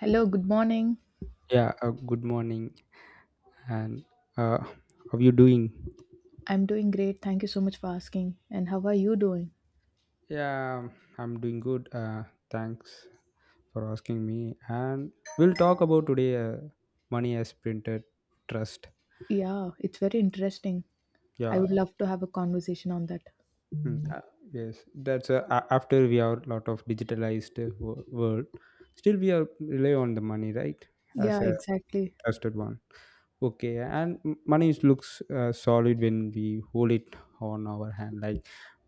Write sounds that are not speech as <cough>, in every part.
Hello, good morning. Yeah, Good morning. And uh, how you doing? I'm doing great. Thank you so much for asking. And how are you doing? Yeah, I'm doing good. Thanks for asking me. And we'll talk about today money as printed trust. Yeah, it's very interesting. I Yeah, would love to have a conversation on that. mm, uh, yes. That's after we are lot of digitalized world. Still, we are rely on the money, right? Yeah, As a exactly. trusted one. Okay, and money is- looks solid when we hold it on our hand. Like,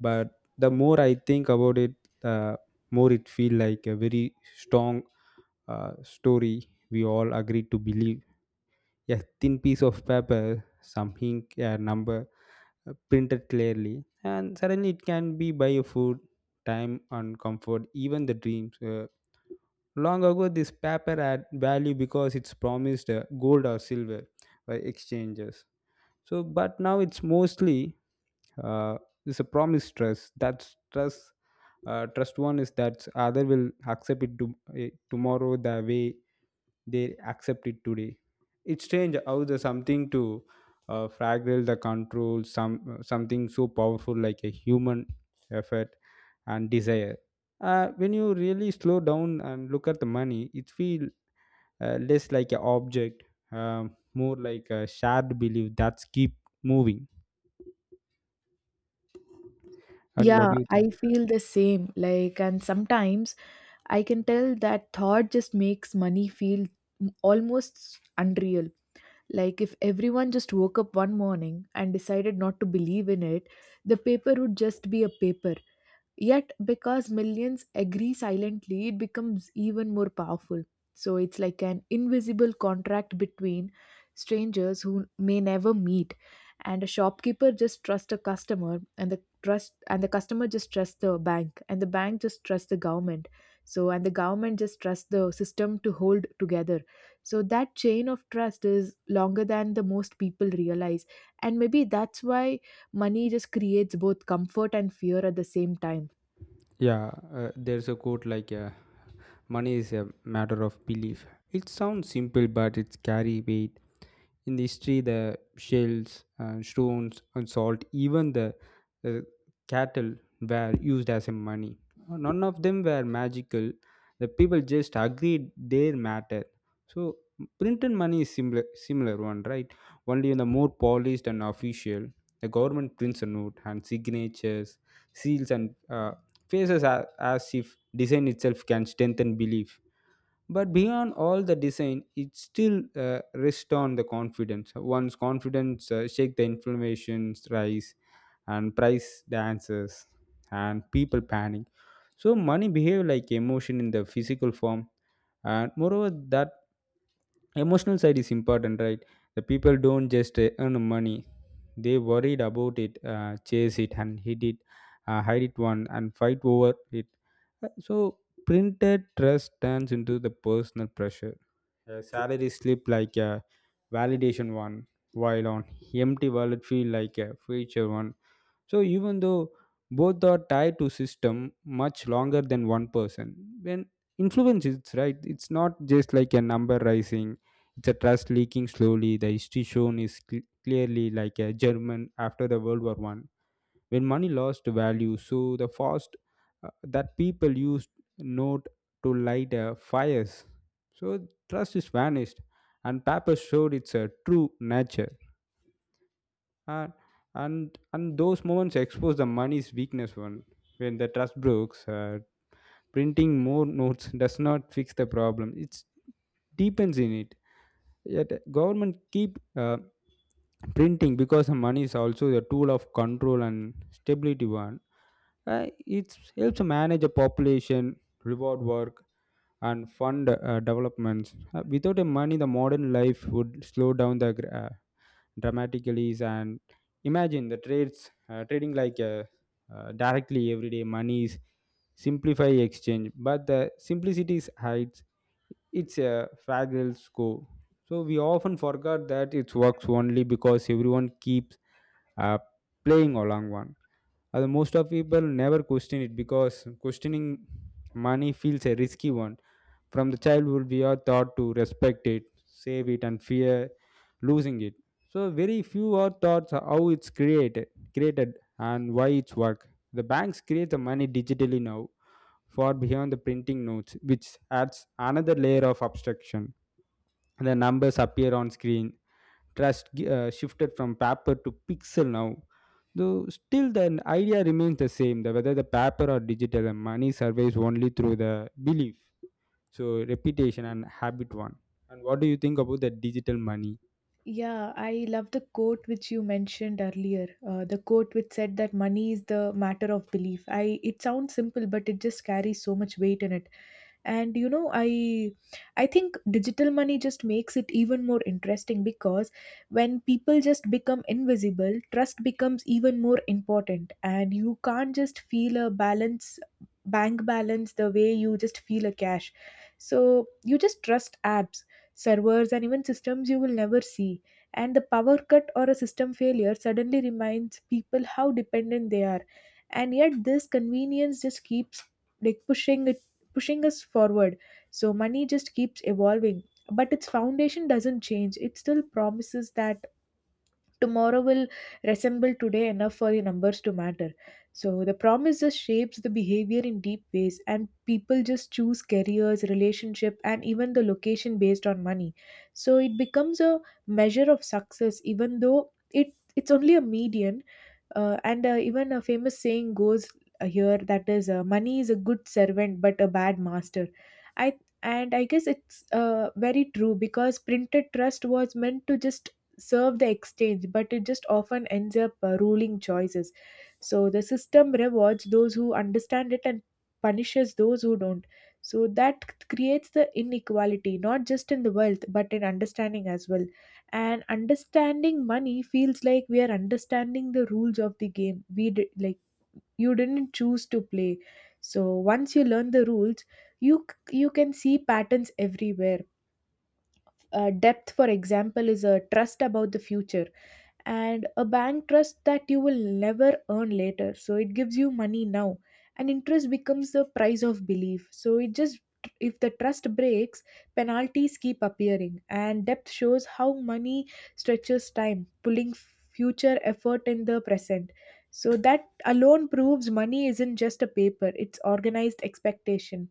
but the more I think about it, the more it feel like a very strong story we all agreed to believe. A thin piece of paper, some ink, a number printed clearly, and suddenly it can be buy a food, time, and comfort, even the dreams. Long ago, this paper had value because it's promised gold or silver by exchanges. So, but now it's mostly uh, it's a promise trust. That's trust. Trust one is that other will accept it to, tomorrow the way they accept it today. It's strange how the something to fragile the control some something so powerful like a human effort and desire. When you really slow down and look at the money it feel less like an object, more like a shared belief that's keep moving. And what Yeah, do you think? I feel the same. Like, and sometimes I can tell that thought just makes money feel almost unreal. Like, if everyone just woke up one morning and decided not to believe in it, the paper would just be a paper. Yet, because millions agree silently, it becomes even more powerful. So it's like an invisible contract between strangers who may never meet, and a shopkeeper just trusts a customer, and the trust and the customer just trusts the bank, and the bank just trusts the government. So and the government just trusts the system to hold together. So that chain of trust is longer than the most people realize, and maybe that's why money just creates both comfort and fear at the same time. yeah there's a quote like, money is a matter of belief. It sounds simple but it's carry weight. In the history, the shells, stones, and salt, even the uh, cattle were used as a money. None of them were magical. The people just agreed their matter. So printed money is similar one, right? Only in the more polished and official, the government prints a note and signatures, seals, and faces as if design itself can strengthen belief, but beyond all the design it still rests on the confidence. Once confidence shake, the inflammations rise and price dances and people panic. So money behave like emotion in the physical form. And moreover, that emotional side is important, right? The people don't just earn money, they worried about it, chase it and hit it, hide it one and fight over it. So printed trust turns into the personal pressure. A salary slip like a validation one, while on empty wallet feel like a future one. So even though both are tied to system much longer than one person, when influence is right, it's not just like a number rising. It's a trust leaking slowly. The history shown is clearly like a German after the World War One, when money lost value so the fast that people used note to light fires. So trust is vanished and paper showed its true nature. and and those moments expose the money's weakness one. When the trust breaks, printing more notes <laughs> does not fix the problem, it deepens in it. Yet government keep printing, because the money is also a tool of control and stability one. It helps manage a population, reward work, and fund developments. Without a money, the modern life would slow down the dramatically. And imagine the trades trading like directly, everyday monies simplify exchange, but the simplicity hides its a fragile scope. So we often forgot that it works only because everyone keeps uh, playing along one. Most of people never question it because questioning money feels a risky one. From the childhood, we are taught to respect it, save it, and fear losing it. So very few are taught how it's created, and why it's work. The banks create the money digitally now, far beyond the printing notes, which adds another layer of abstraction. The numbers appear on screen. Trust shifted from paper to pixel now, though still the idea remains the same, the whether the paper or digital and money survives only through the belief. So reputation and habit one. And what do you think about the digital money? Yeah, I love the quote which you mentioned earlier. The quote which said that money is the matter of belief. I it sounds simple, but it just carries so much weight in it. And you know, I think digital money just makes it even more interesting because when people just become invisible, trust becomes even more important, and you can't just feel a balance bank balance the way you just feel a cash. So you just trust apps, servers, and even systems you will never see, and the power cut or a system failure suddenly reminds people how dependent they are, and yet this convenience just keeps like pushing us forward. So money just keeps evolving, but its foundation doesn't change. It still promises that tomorrow will resemble today enough for the numbers to matter. So the promise just shapes the behavior in deep ways, and people just choose careers, relationship, and even the location based on money. So it becomes a measure of success, even though it's only a median. And even a famous saying goes here that is, money is a good servant but a bad master. I and I guess it's very true because printed trust was meant to just serve the exchange, but it just often ends up ruling choices. So the system rewards those who understand it and punishes those who don't. So that creates the inequality, not just in the wealth, but in understanding as well. And understanding money feels like we are understanding the rules of the game. We did, like you didn't choose to play. So once you learn the rules, you can see patterns everywhere. Depth, for example, is a trust about the future, and a bank trusts that you will never earn later, so it gives you money now, and interest becomes the price of belief. So it just, if the trust breaks, penalties keep appearing, and depth shows how money stretches time, pulling future effort in the present. So that alone proves money isn't just a paper, it's organized expectation.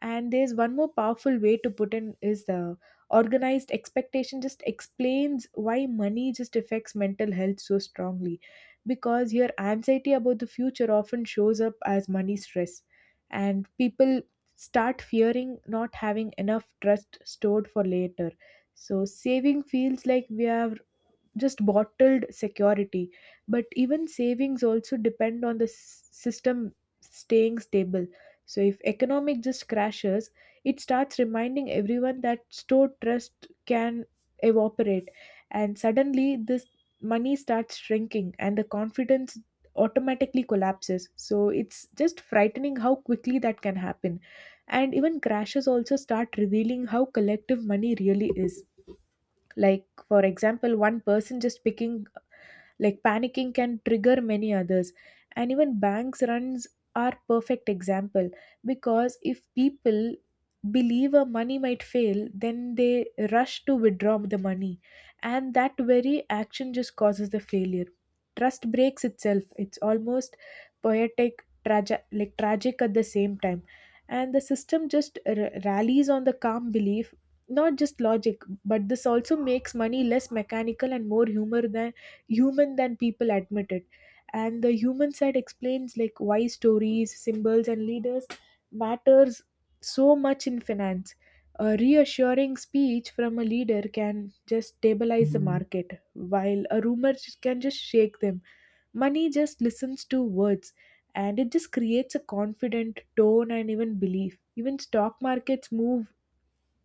And there's one more powerful way to put in is the organized expectation just explains why money just affects mental health so strongly because your anxiety about the future often shows up as money stress, and people start fearing not having enough trust stored for later. So saving feels like we are just bottled security, but even savings also depend on the system staying stable. So if economic just crashes, it starts reminding everyone that stored trust can evaporate, and suddenly this money starts shrinking and the confidence automatically collapses. So it's just frightening how quickly that can happen. And even crashes also start revealing how collective money really is. Like for example, one person just picking like panicking can trigger many others, and even banks runs are perfect example because if people believe a money might fail, then they rush to withdraw the money, and that very action just causes the failure. Trust breaks itself. It's almost poetic tragic like tragic at the same time. And the system just rallies on the calm belief, not just logic. But this also makes money less mechanical and more human than people admit it. And the human side explains like why stories, symbols, and leaders matters so much in finance. A reassuring speech from a leader can just stabilize the market while a rumor can just shake them. Money just listens to words, and it just creates a confident tone and even belief. Even stock markets move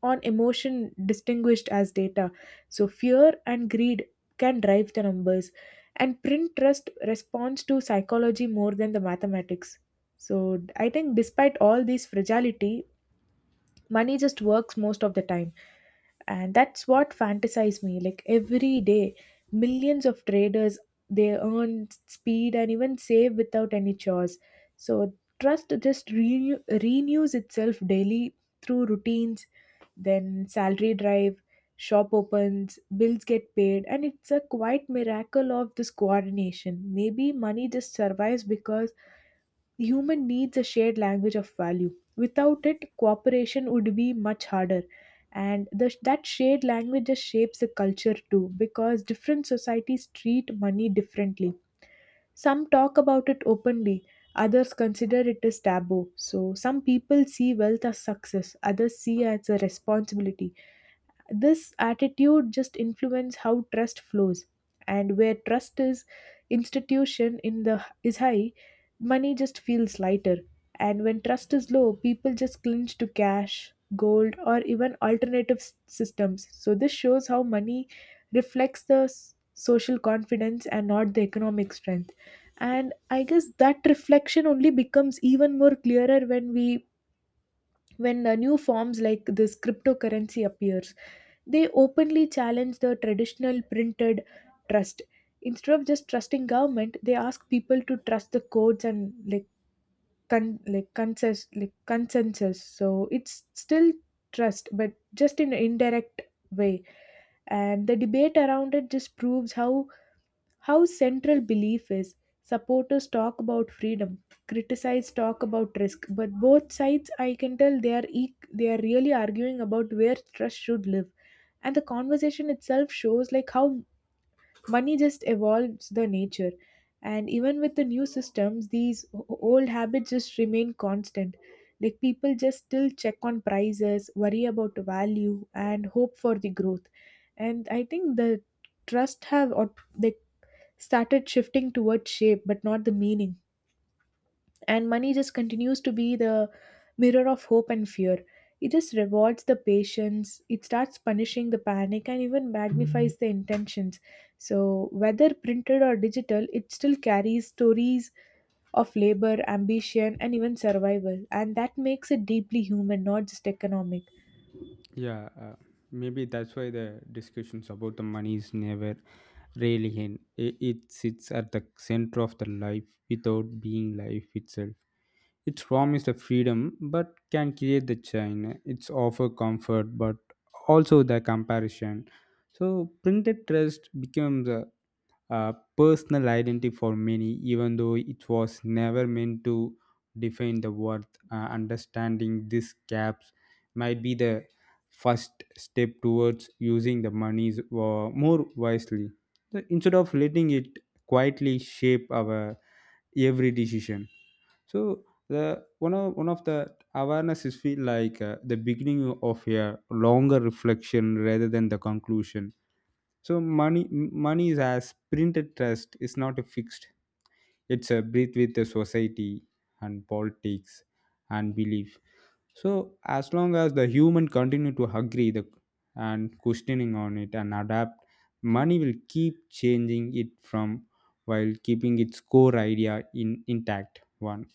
on emotion distinguished as data. So fear and greed can drive the numbers, and print trust responds to psychology more than the mathematics. So I think, despite all this fragility, money just works most of the time, and that's what fantasize me. Like every day millions of traders, they earn speed and even save without any chores. So trust just renews itself daily through routines. Then salary drive, shop opens, bills get paid, and it's a quite miracle of this coordination. Maybe money just survives because human needs a shared language of value. Without it, cooperation would be much harder. And that shared language just shapes the culture too, because different societies treat money differently. Some talk about it openly, others consider it as taboo. So, some people see wealth as success, others see as a responsibility. This attitude just influences how trust flows, and where trust is institution in the is high, money just feels lighter. And when trust is low, people just cling to cash, gold, or even alternative systems. So this shows how money reflects the social confidence and not the economic strength. And I guess that reflection only becomes even more clearer when new forms like this cryptocurrency appears. They openly challenge the traditional printed trust. Instead of just trusting government, they ask people to trust the codes and like consensus. So it's still trust, but just in an indirect way. And the debate around it just proves how central belief is. Supporters talk about freedom, criticize talk about risk, but both sides I can tell they are really arguing about where trust should live. And the conversation itself shows like how money just evolves the nature. And even with the new systems, these old habits just remain constant. Like people just still check on prices, worry about the value, and hope for the growth. And I think the trust have or they started shifting towards shape but not the meaning. And money just continues to be the mirror of hope and fear. It just rewards the patience, it starts punishing the panic, and even magnifies the intentions. So whether printed or digital, it still carries stories of labor, ambition, and even survival, and that makes it deeply human, not just economic. yeah uh, Maybe that's why the discussions about the money is never really end it, it sits at the center of the life without being life itself. It's promised the freedom but can create the chain. It's offer comfort but also the comparison. So printed trust becomes a personal identity for many, even though it was never meant to define the worth. Understanding these gaps might be the first step towards using the monies more wisely. So instead of letting it quietly shape our every decision, so the one of the awareness is feel like the beginning of a longer reflection rather than the conclusion. So money money is as printed trust is not a fixed, it's a breathe with the society and politics and belief. So as long as the human continue to agree the and questioning on it and adapt, money will keep changing it from while keeping its core idea in intact. One.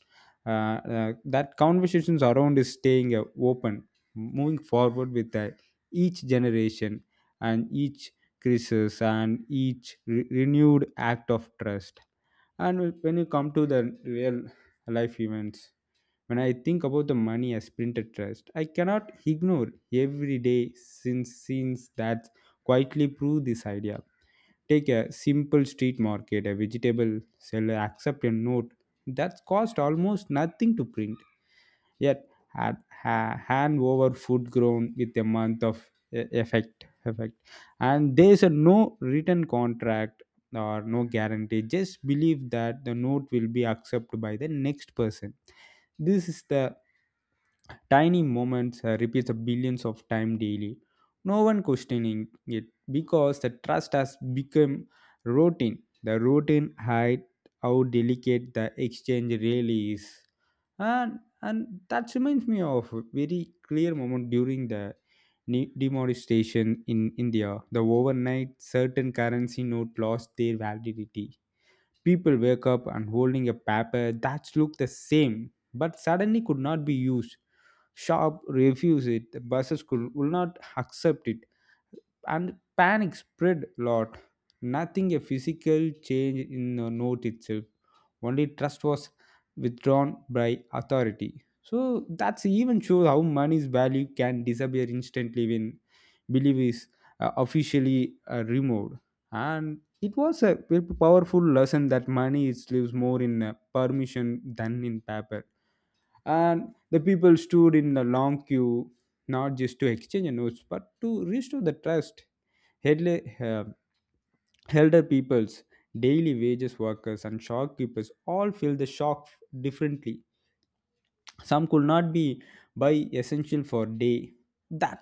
That conversations around is staying open, moving forward with each generation and each crisis and each renewed act of trust. And when you come to the real life events, when I think about the money I printed, trust, I cannot ignore every day since scenes that quietly prove this idea. Take a simple street market, a vegetable seller accept a note that cost almost nothing to print. Yet had ha, hand over food grown with a month of effect. And there is a no written contract or no guarantee. Just believe that the note will be accepted by the next person. This is the tiny moments repeats a billions of time daily. No one questioning it because the trust has become routine. The routine hide how delicate the exchange really is. And that reminds me of a very clear moment during the demonetization in India. The overnight certain currency note lost their validity. People wake up and holding a paper that looked the same but suddenly could not be used. Shop refuse it, the buses will not accept it, and panic spread lot. Nothing a physical change in the note itself, only trust was withdrawn by authority. So that's even shows how money's value can disappear instantly when belief is officially removed. And it was a very powerful lesson that money is lives more in permission than in paper. And the people stood in the long queue not just to exchange notes but to restore the trust. Headle- uh, Elder peoples, daily wages workers and shopkeepers all feel the shock differently. Some could not be buy essential for day. That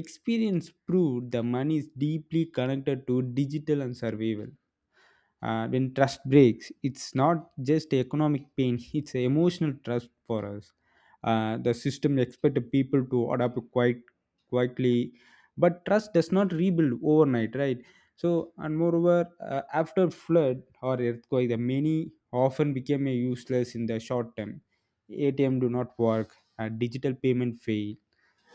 experience proved the money is deeply connected to digital and survival. Uh, when trust breaks, it's not just economic pain, it's emotional trust for us. Uh, the system expected people to adapt quite quietly, but trust does not rebuild overnight, right? So, and moreover, after flood or earthquake, the many often became a useless in the short term. ATM do not work, digital payment fail,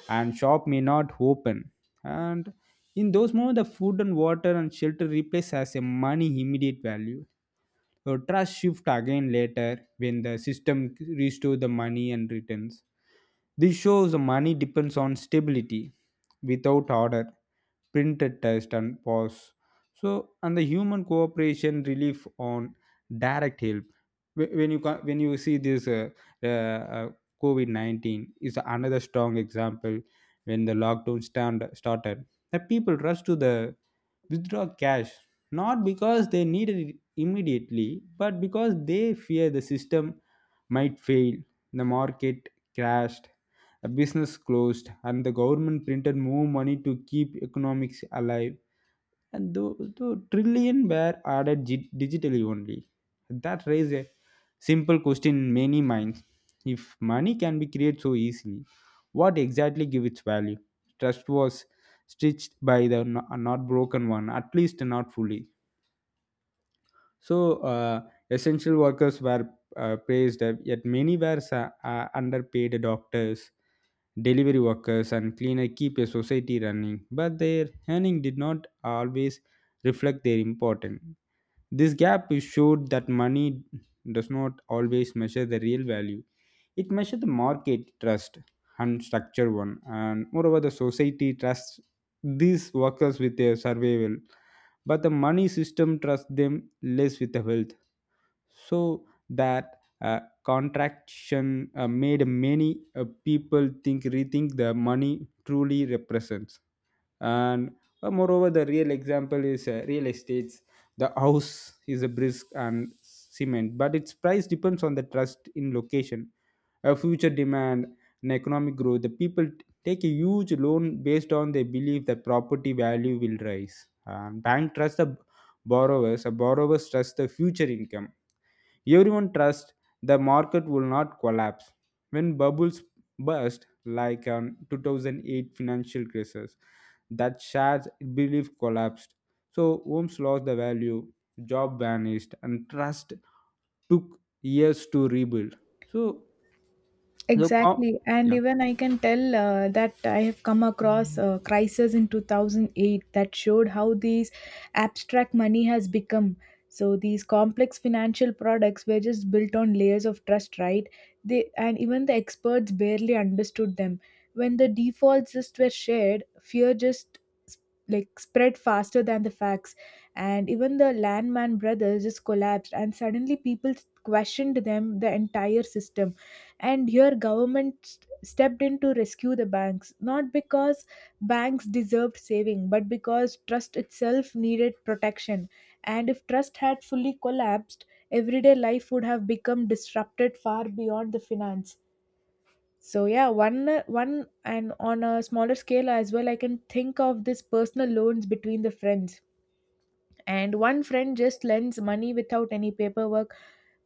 and shop may not open. And in those moments, the food and water and shelter replace as a money immediate value. So trust shift again later when the system restore the money and returns. This shows money depends on stability. Without order, printed test and pause. So and the human cooperation relief on direct help. When you see this uh, uh, COVID 19 is another strong example when the lockdown stand started. The people rushed to the withdraw cash, not because they needed it immediately but because they fear the system might fail. The market crashed, a business closed, and the government printed more money to keep economics alive. And the trillion were added digitally only. That raised a simple question in many minds: if money can be created so easily, what exactly give its value? Trust was stitched by the not broken one, at least not fully. So essential workers were praised, yet many were underpaid. Doctors, delivery workers and cleaners keep a society running, but their earning did not always reflect their importance. This gap is showed that money does not always measure the real value. It measures the market trust and structure one, and moreover, the society trusts these workers with their survival, but the money system trusts them less with the wealth so that contraction made many people think rethink the money truly represents. And moreover, the real example is real estates. The house is a brisk and cement but its price depends on the trust in location, a future demand and economic growth. The people take a huge loan based on their belief that property value will rise and bank trusts the borrowers, a borrowers trust the future income. Everyone trusts the market will not collapse. When bubbles burst, like 2008 financial crisis, that shares belief collapsed. So homes lost the value, job vanished, and trust took years to rebuild. So the com- Exactly, and yeah. even I can tell that I have come across a crisis in 2008 that showed how these abstract money has become. So these complex financial products were just built on layers of trust, right? They and even the experts barely understood them. When the defaults just were shared, fear just s- spread faster than the facts, and even the Landman brothers just collapsed, and suddenly people questioned them the entire system. And here government stepped in to rescue the banks, not because banks deserved saving, but because trust itself needed protection. And if trust had fully collapsed, everyday life would have become disrupted far beyond the finance. So yeah, one one and on a smaller scale as well, I can think of this personal loans between the friends, and one friend just lends money without any paperwork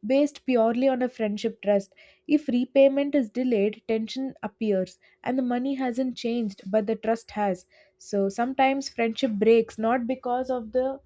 based purely on a friendship trust. If repayment is delayed, tension appears, and the money hasn't changed, but the trust has. So sometimes friendship breaks not because of the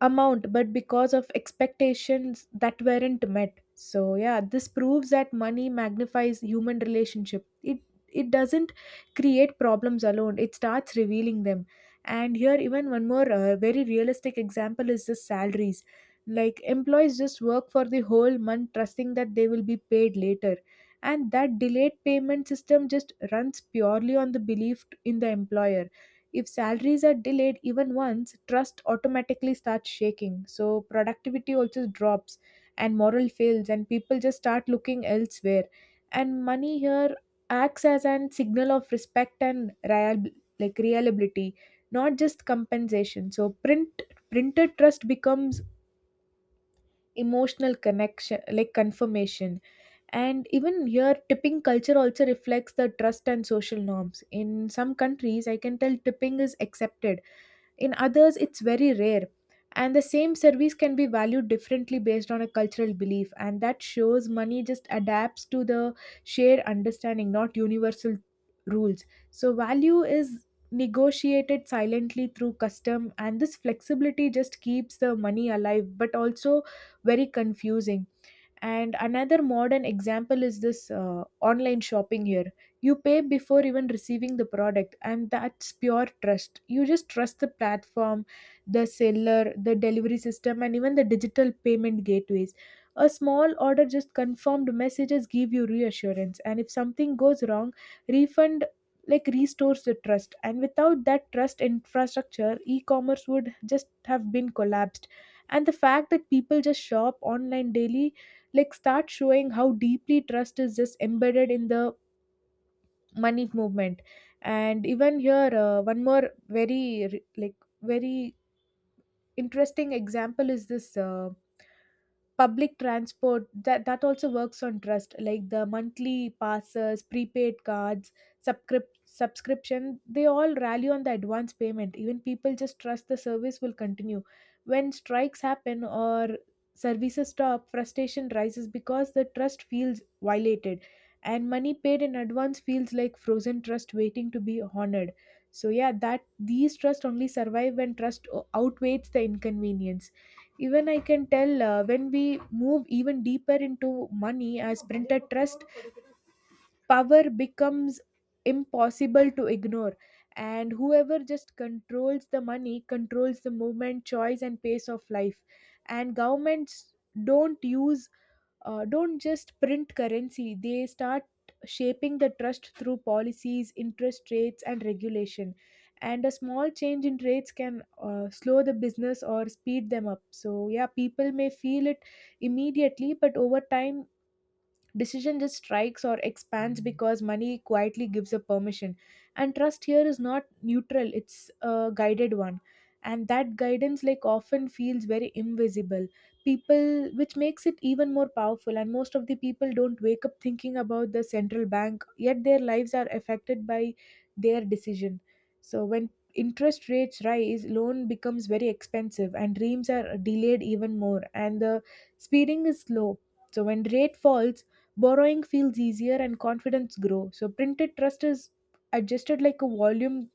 amount but because of expectations that weren't met. So yeah, this proves that money magnifies human relationship. It doesn't create problems alone, it starts revealing them. And here even one more very realistic example is the salaries. Like employees just work for the whole month trusting that they will be paid later, and that delayed payment system just runs purely on the belief in the employer. If salaries are delayed even once, trust automatically starts shaking. So productivity also drops and morale fails, and people just start looking elsewhere. And money here acts as an signal of respect and real, like reliability, not just compensation. So printed trust becomes emotional connection, like confirmation. And even here, tipping culture also reflects the trust and social norms. In some countries, I can tell, tipping is accepted, in others it's very rare, and the same service can be valued differently based on a cultural belief. And that shows money just adapts to the shared understanding, not universal rules. So value is negotiated silently through custom, and this flexibility just keeps the money alive but also very confusing. And another modern example is this online shopping. Here you pay before even receiving the product, and that's pure trust. You just trust the platform, the seller, the delivery system, and even the digital payment gateways. A small order just confirmed messages give you reassurance, and if something goes wrong, refund like restores the trust. And without that trust infrastructure, e-commerce would just have been collapsed. And the fact that people just shop online daily like start showing how deeply trust is just embedded in the money movement. And even here, one more very re- like very interesting example is this public transport. That also works on trust, like the monthly passes, prepaid cards, subscription. They all rally on the advance payment. Even people just trust the service will continue. When strikes happen or services stop, frustration rises because the trust feels violated. And money paid in advance feels like frozen trust waiting to be honored. So yeah, that these trust only survive when trust outweighs the inconvenience. Even I can tell, when we move even deeper into money as printed trust, power becomes impossible to ignore. And whoever just controls the money controls the movement, choice, and pace of life. And governments don't use don't just print currency, they start shaping the trust through policies, interest rates, and regulation. And a small change in rates can slow the business or speed them up. So, yeah, people may feel it immediately, but over time, decision just strikes or expands because money quietly gives a permission. And trust here is not neutral, it's a guided one. And that guidance like often feels very invisible people, which makes it even more powerful. And most of the people don't wake up thinking about the central bank, yet their lives are affected by their decision. So when interest rates rise, loan becomes very expensive and dreams are delayed even more, and the speeding is slow. So when rate falls, borrowing feels easier and confidence grows. So printed trust is adjusted like a volume,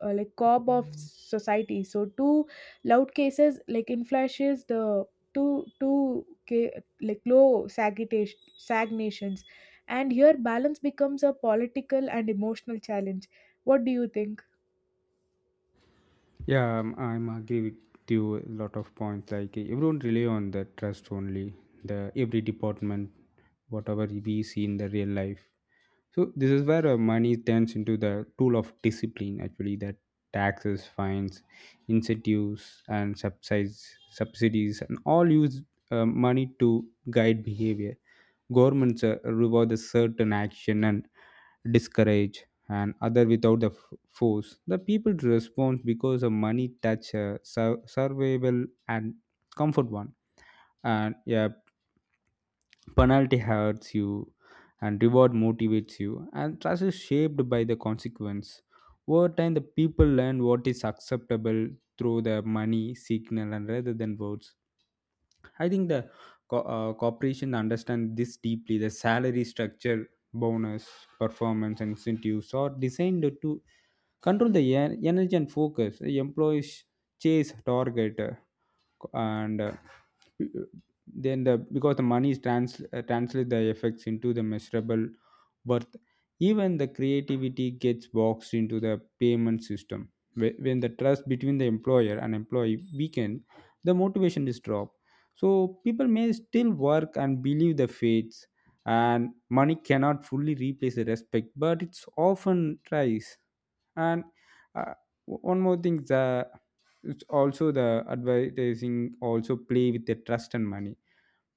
like cob of society. So two loud cases like inflashes the two two ca- like low sagitation stagnations, and here balance becomes a political and emotional challenge. What do you think? Yeah, I'm agree with you a lot of points. Like everyone rely on the trust only. The every department, whatever we see in the real life. So this is where money turns into the tool of discipline. Actually, that taxes, fines, incentives, and subsidies, subsidies, and all use money to guide behavior. Governments reward a certain action and discourage and other without the force. The people respond because of money, touch, survival, and comfort one. And yeah, penalty hurts you, and reward motivates you, and trust is shaped by the consequence. Over time, the people learn what is acceptable through the money signal and rather than words. I think the corporation understand this deeply. The salary structure, bonus, performance, and incentives are designed to control the energy and focus employees chase target and then the because the money is translate the effects into the measurable worth. Even the creativity gets boxed into the payment system. When the trust between the employer and employee weaken, the motivation is dropped. So people may still work and believe the fates, and money cannot fully replace the respect but it's often tries. And uh, one more thing, the it's also the advertising also play with the trust and money.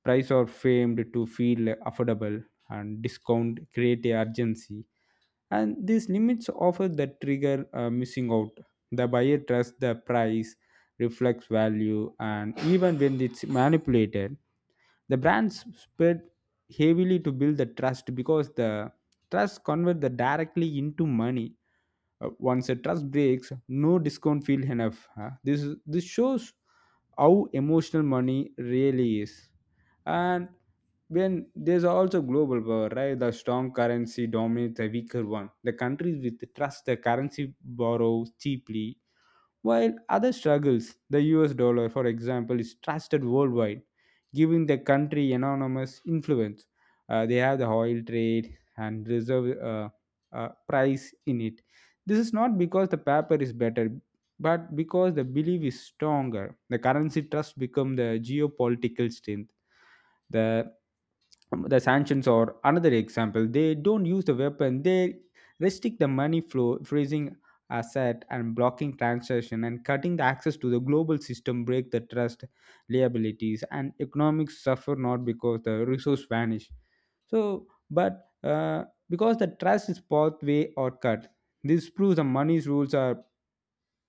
Price are framed to feel affordable, and discount create a urgency, and these limits offer the trigger missing out. The buyer trusts the price reflects value, and even when it's manipulated, the brands spent heavily to build the trust because the trust convert the directly into money. Once a trust breaks, no discount feel enough. Huh? This shows how emotional money really is. And when there's also global power, right? The strong currency dominates the weaker one. The countries with trust, the currency borrows cheaply while other struggles, the US dollar, for example, is trusted worldwide, giving the country enormous influence. They have the oil trade and reserve price in it. This is not because the paper is better, but because the belief is stronger. The currency trust become the geopolitical strength. The the sanctions or another example, they don't use the weapon, they restrict the money flow, freezing asset and blocking transaction and cutting the access to the global system break the trust. Liabilities and economics suffer not because the resource vanish, so but because the trust is pathway or cut. This proves the money's rules are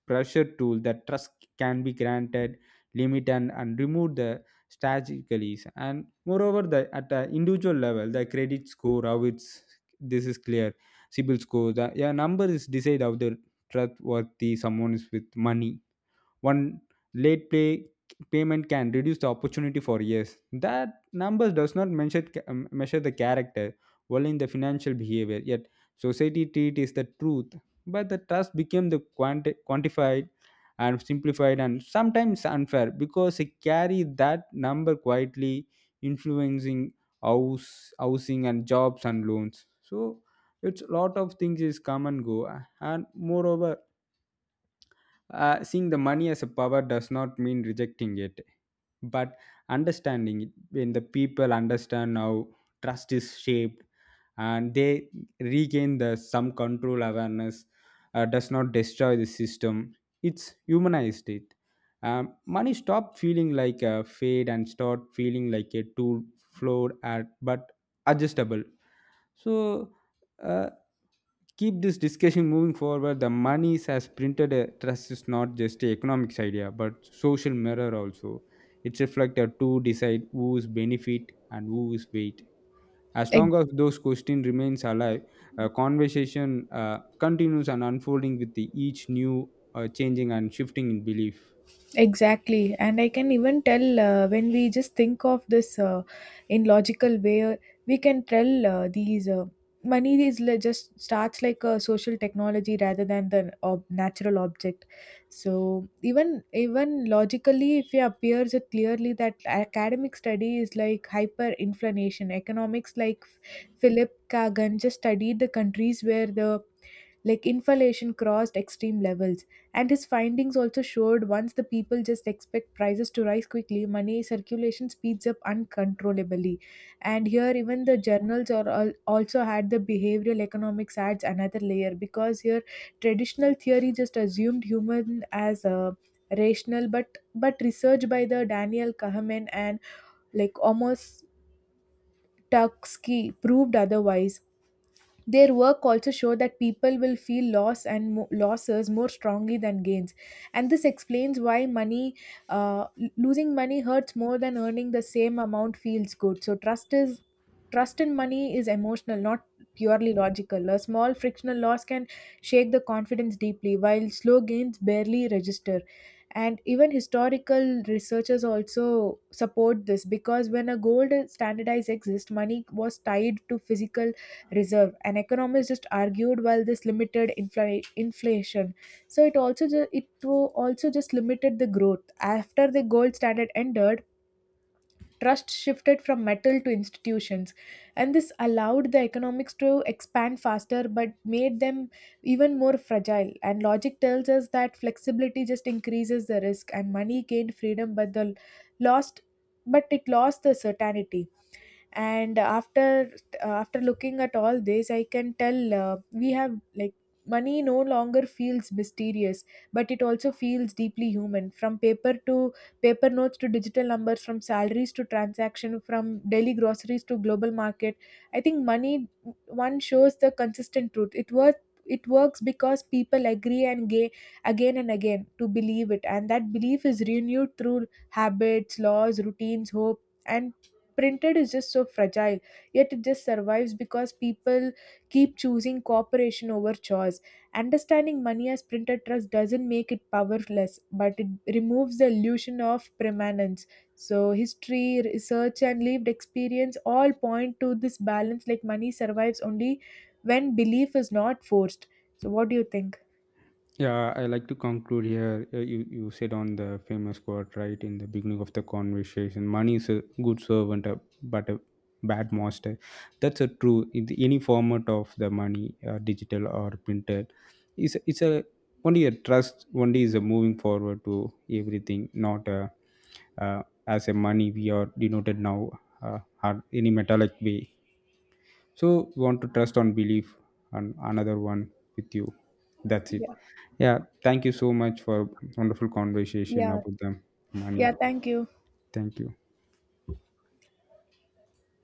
pressure tool that trust can be granted, limit and remove the strategically. And moreover, the at the individual level, the credit score how it's, this is clear. CIBIL score, the yeah, number is decided of the trustworthy someone is with money. One late pay payment can reduce the opportunity for years. That numbers does not measure measure the character only in the financial behavior, yet society treat is the truth. But the trust became the quantified and simplified and sometimes unfair because they carry that number quietly influencing house housing and jobs and loans. So it's a lot of things is come and go. And moreover, seeing the money as a power does not mean rejecting it, but understanding it. When the people understand how trust is shaped and they regain the some control awareness, does not destroy the system. It's humanized it. Money stop feeling like a fade and start feeling like a tool, flawed at but adjustable. So uh, keep this discussion moving forward. The money has printed a trust is not just a economics idea, but social mirror also. It's reflected to decide who's benefit and who's weight. As long as those questions remains alive, a conversation continues and unfolding with the each new changing and shifting in belief. Exactly. And I can even tell, when we just think of this, in logical way, we can tell, these, just starts like a social technology rather than the natural object. So even logically, if it appears it clearly that academic study is like hyperinflation. Economics like Philip Kagan just studied the countries where the like inflation crossed extreme levels. And his findings also showed, once the people just expect prices to rise quickly, money circulation speeds up uncontrollably. And here, even the journals are also had the behavioral economics adds another layer, because here traditional theory just assumed human as a rational, but research by the Daniel Kahneman and like almost Tursky proved otherwise. Their work also show that people will feel loss and losses more strongly than gains, and this explains why money, losing money hurts more than earning the same amount feels good. So trust in money is emotional, not purely logical. A small frictional loss can shake the confidence deeply, while slow gains barely register. And even historical researchers also support this, because when a gold standardized exists, money was tied to physical reserve. An economist just argued while this limited inflation, so it also also just limited the growth. After the gold standard ended, trust shifted from metal to institutions, and this allowed the economics to expand faster but made them even more fragile. And logic tells us that flexibility just increases the risk, and money gained freedom but the lost but it lost the certainty. And after looking at all this, I can tell, we have like money no longer feels mysterious, but it also feels deeply human. From paper notes to digital numbers, from salaries to transaction, from daily groceries to global market, I think money one shows the consistent truth. It works because people agree and gay again and again to believe it. And that belief is renewed through habits, laws, routines, hope, and printed is just so fragile, yet it just survives because people keep choosing cooperation over choice. Understanding money as printed trust doesn't make it powerless, but it removes the illusion of permanence. So history, research, and lived experience all point to this balance, like money survives only when belief is not forced. So what do you think? Yeah, I like to conclude here. You said on the famous quote right in the beginning of the conversation, money is a good servant, but a bad master. That's a true in the any format of the money, digital or printed. It's a only a trust. Only is a moving forward to everything, not a, uh, as a money we are denoted now or any metallic way. So we want to trust on belief and another one with you. That's it. Yeah. Yeah, thank you so much for wonderful conversation Yeah. about the money. Yeah, thank you. Thank you.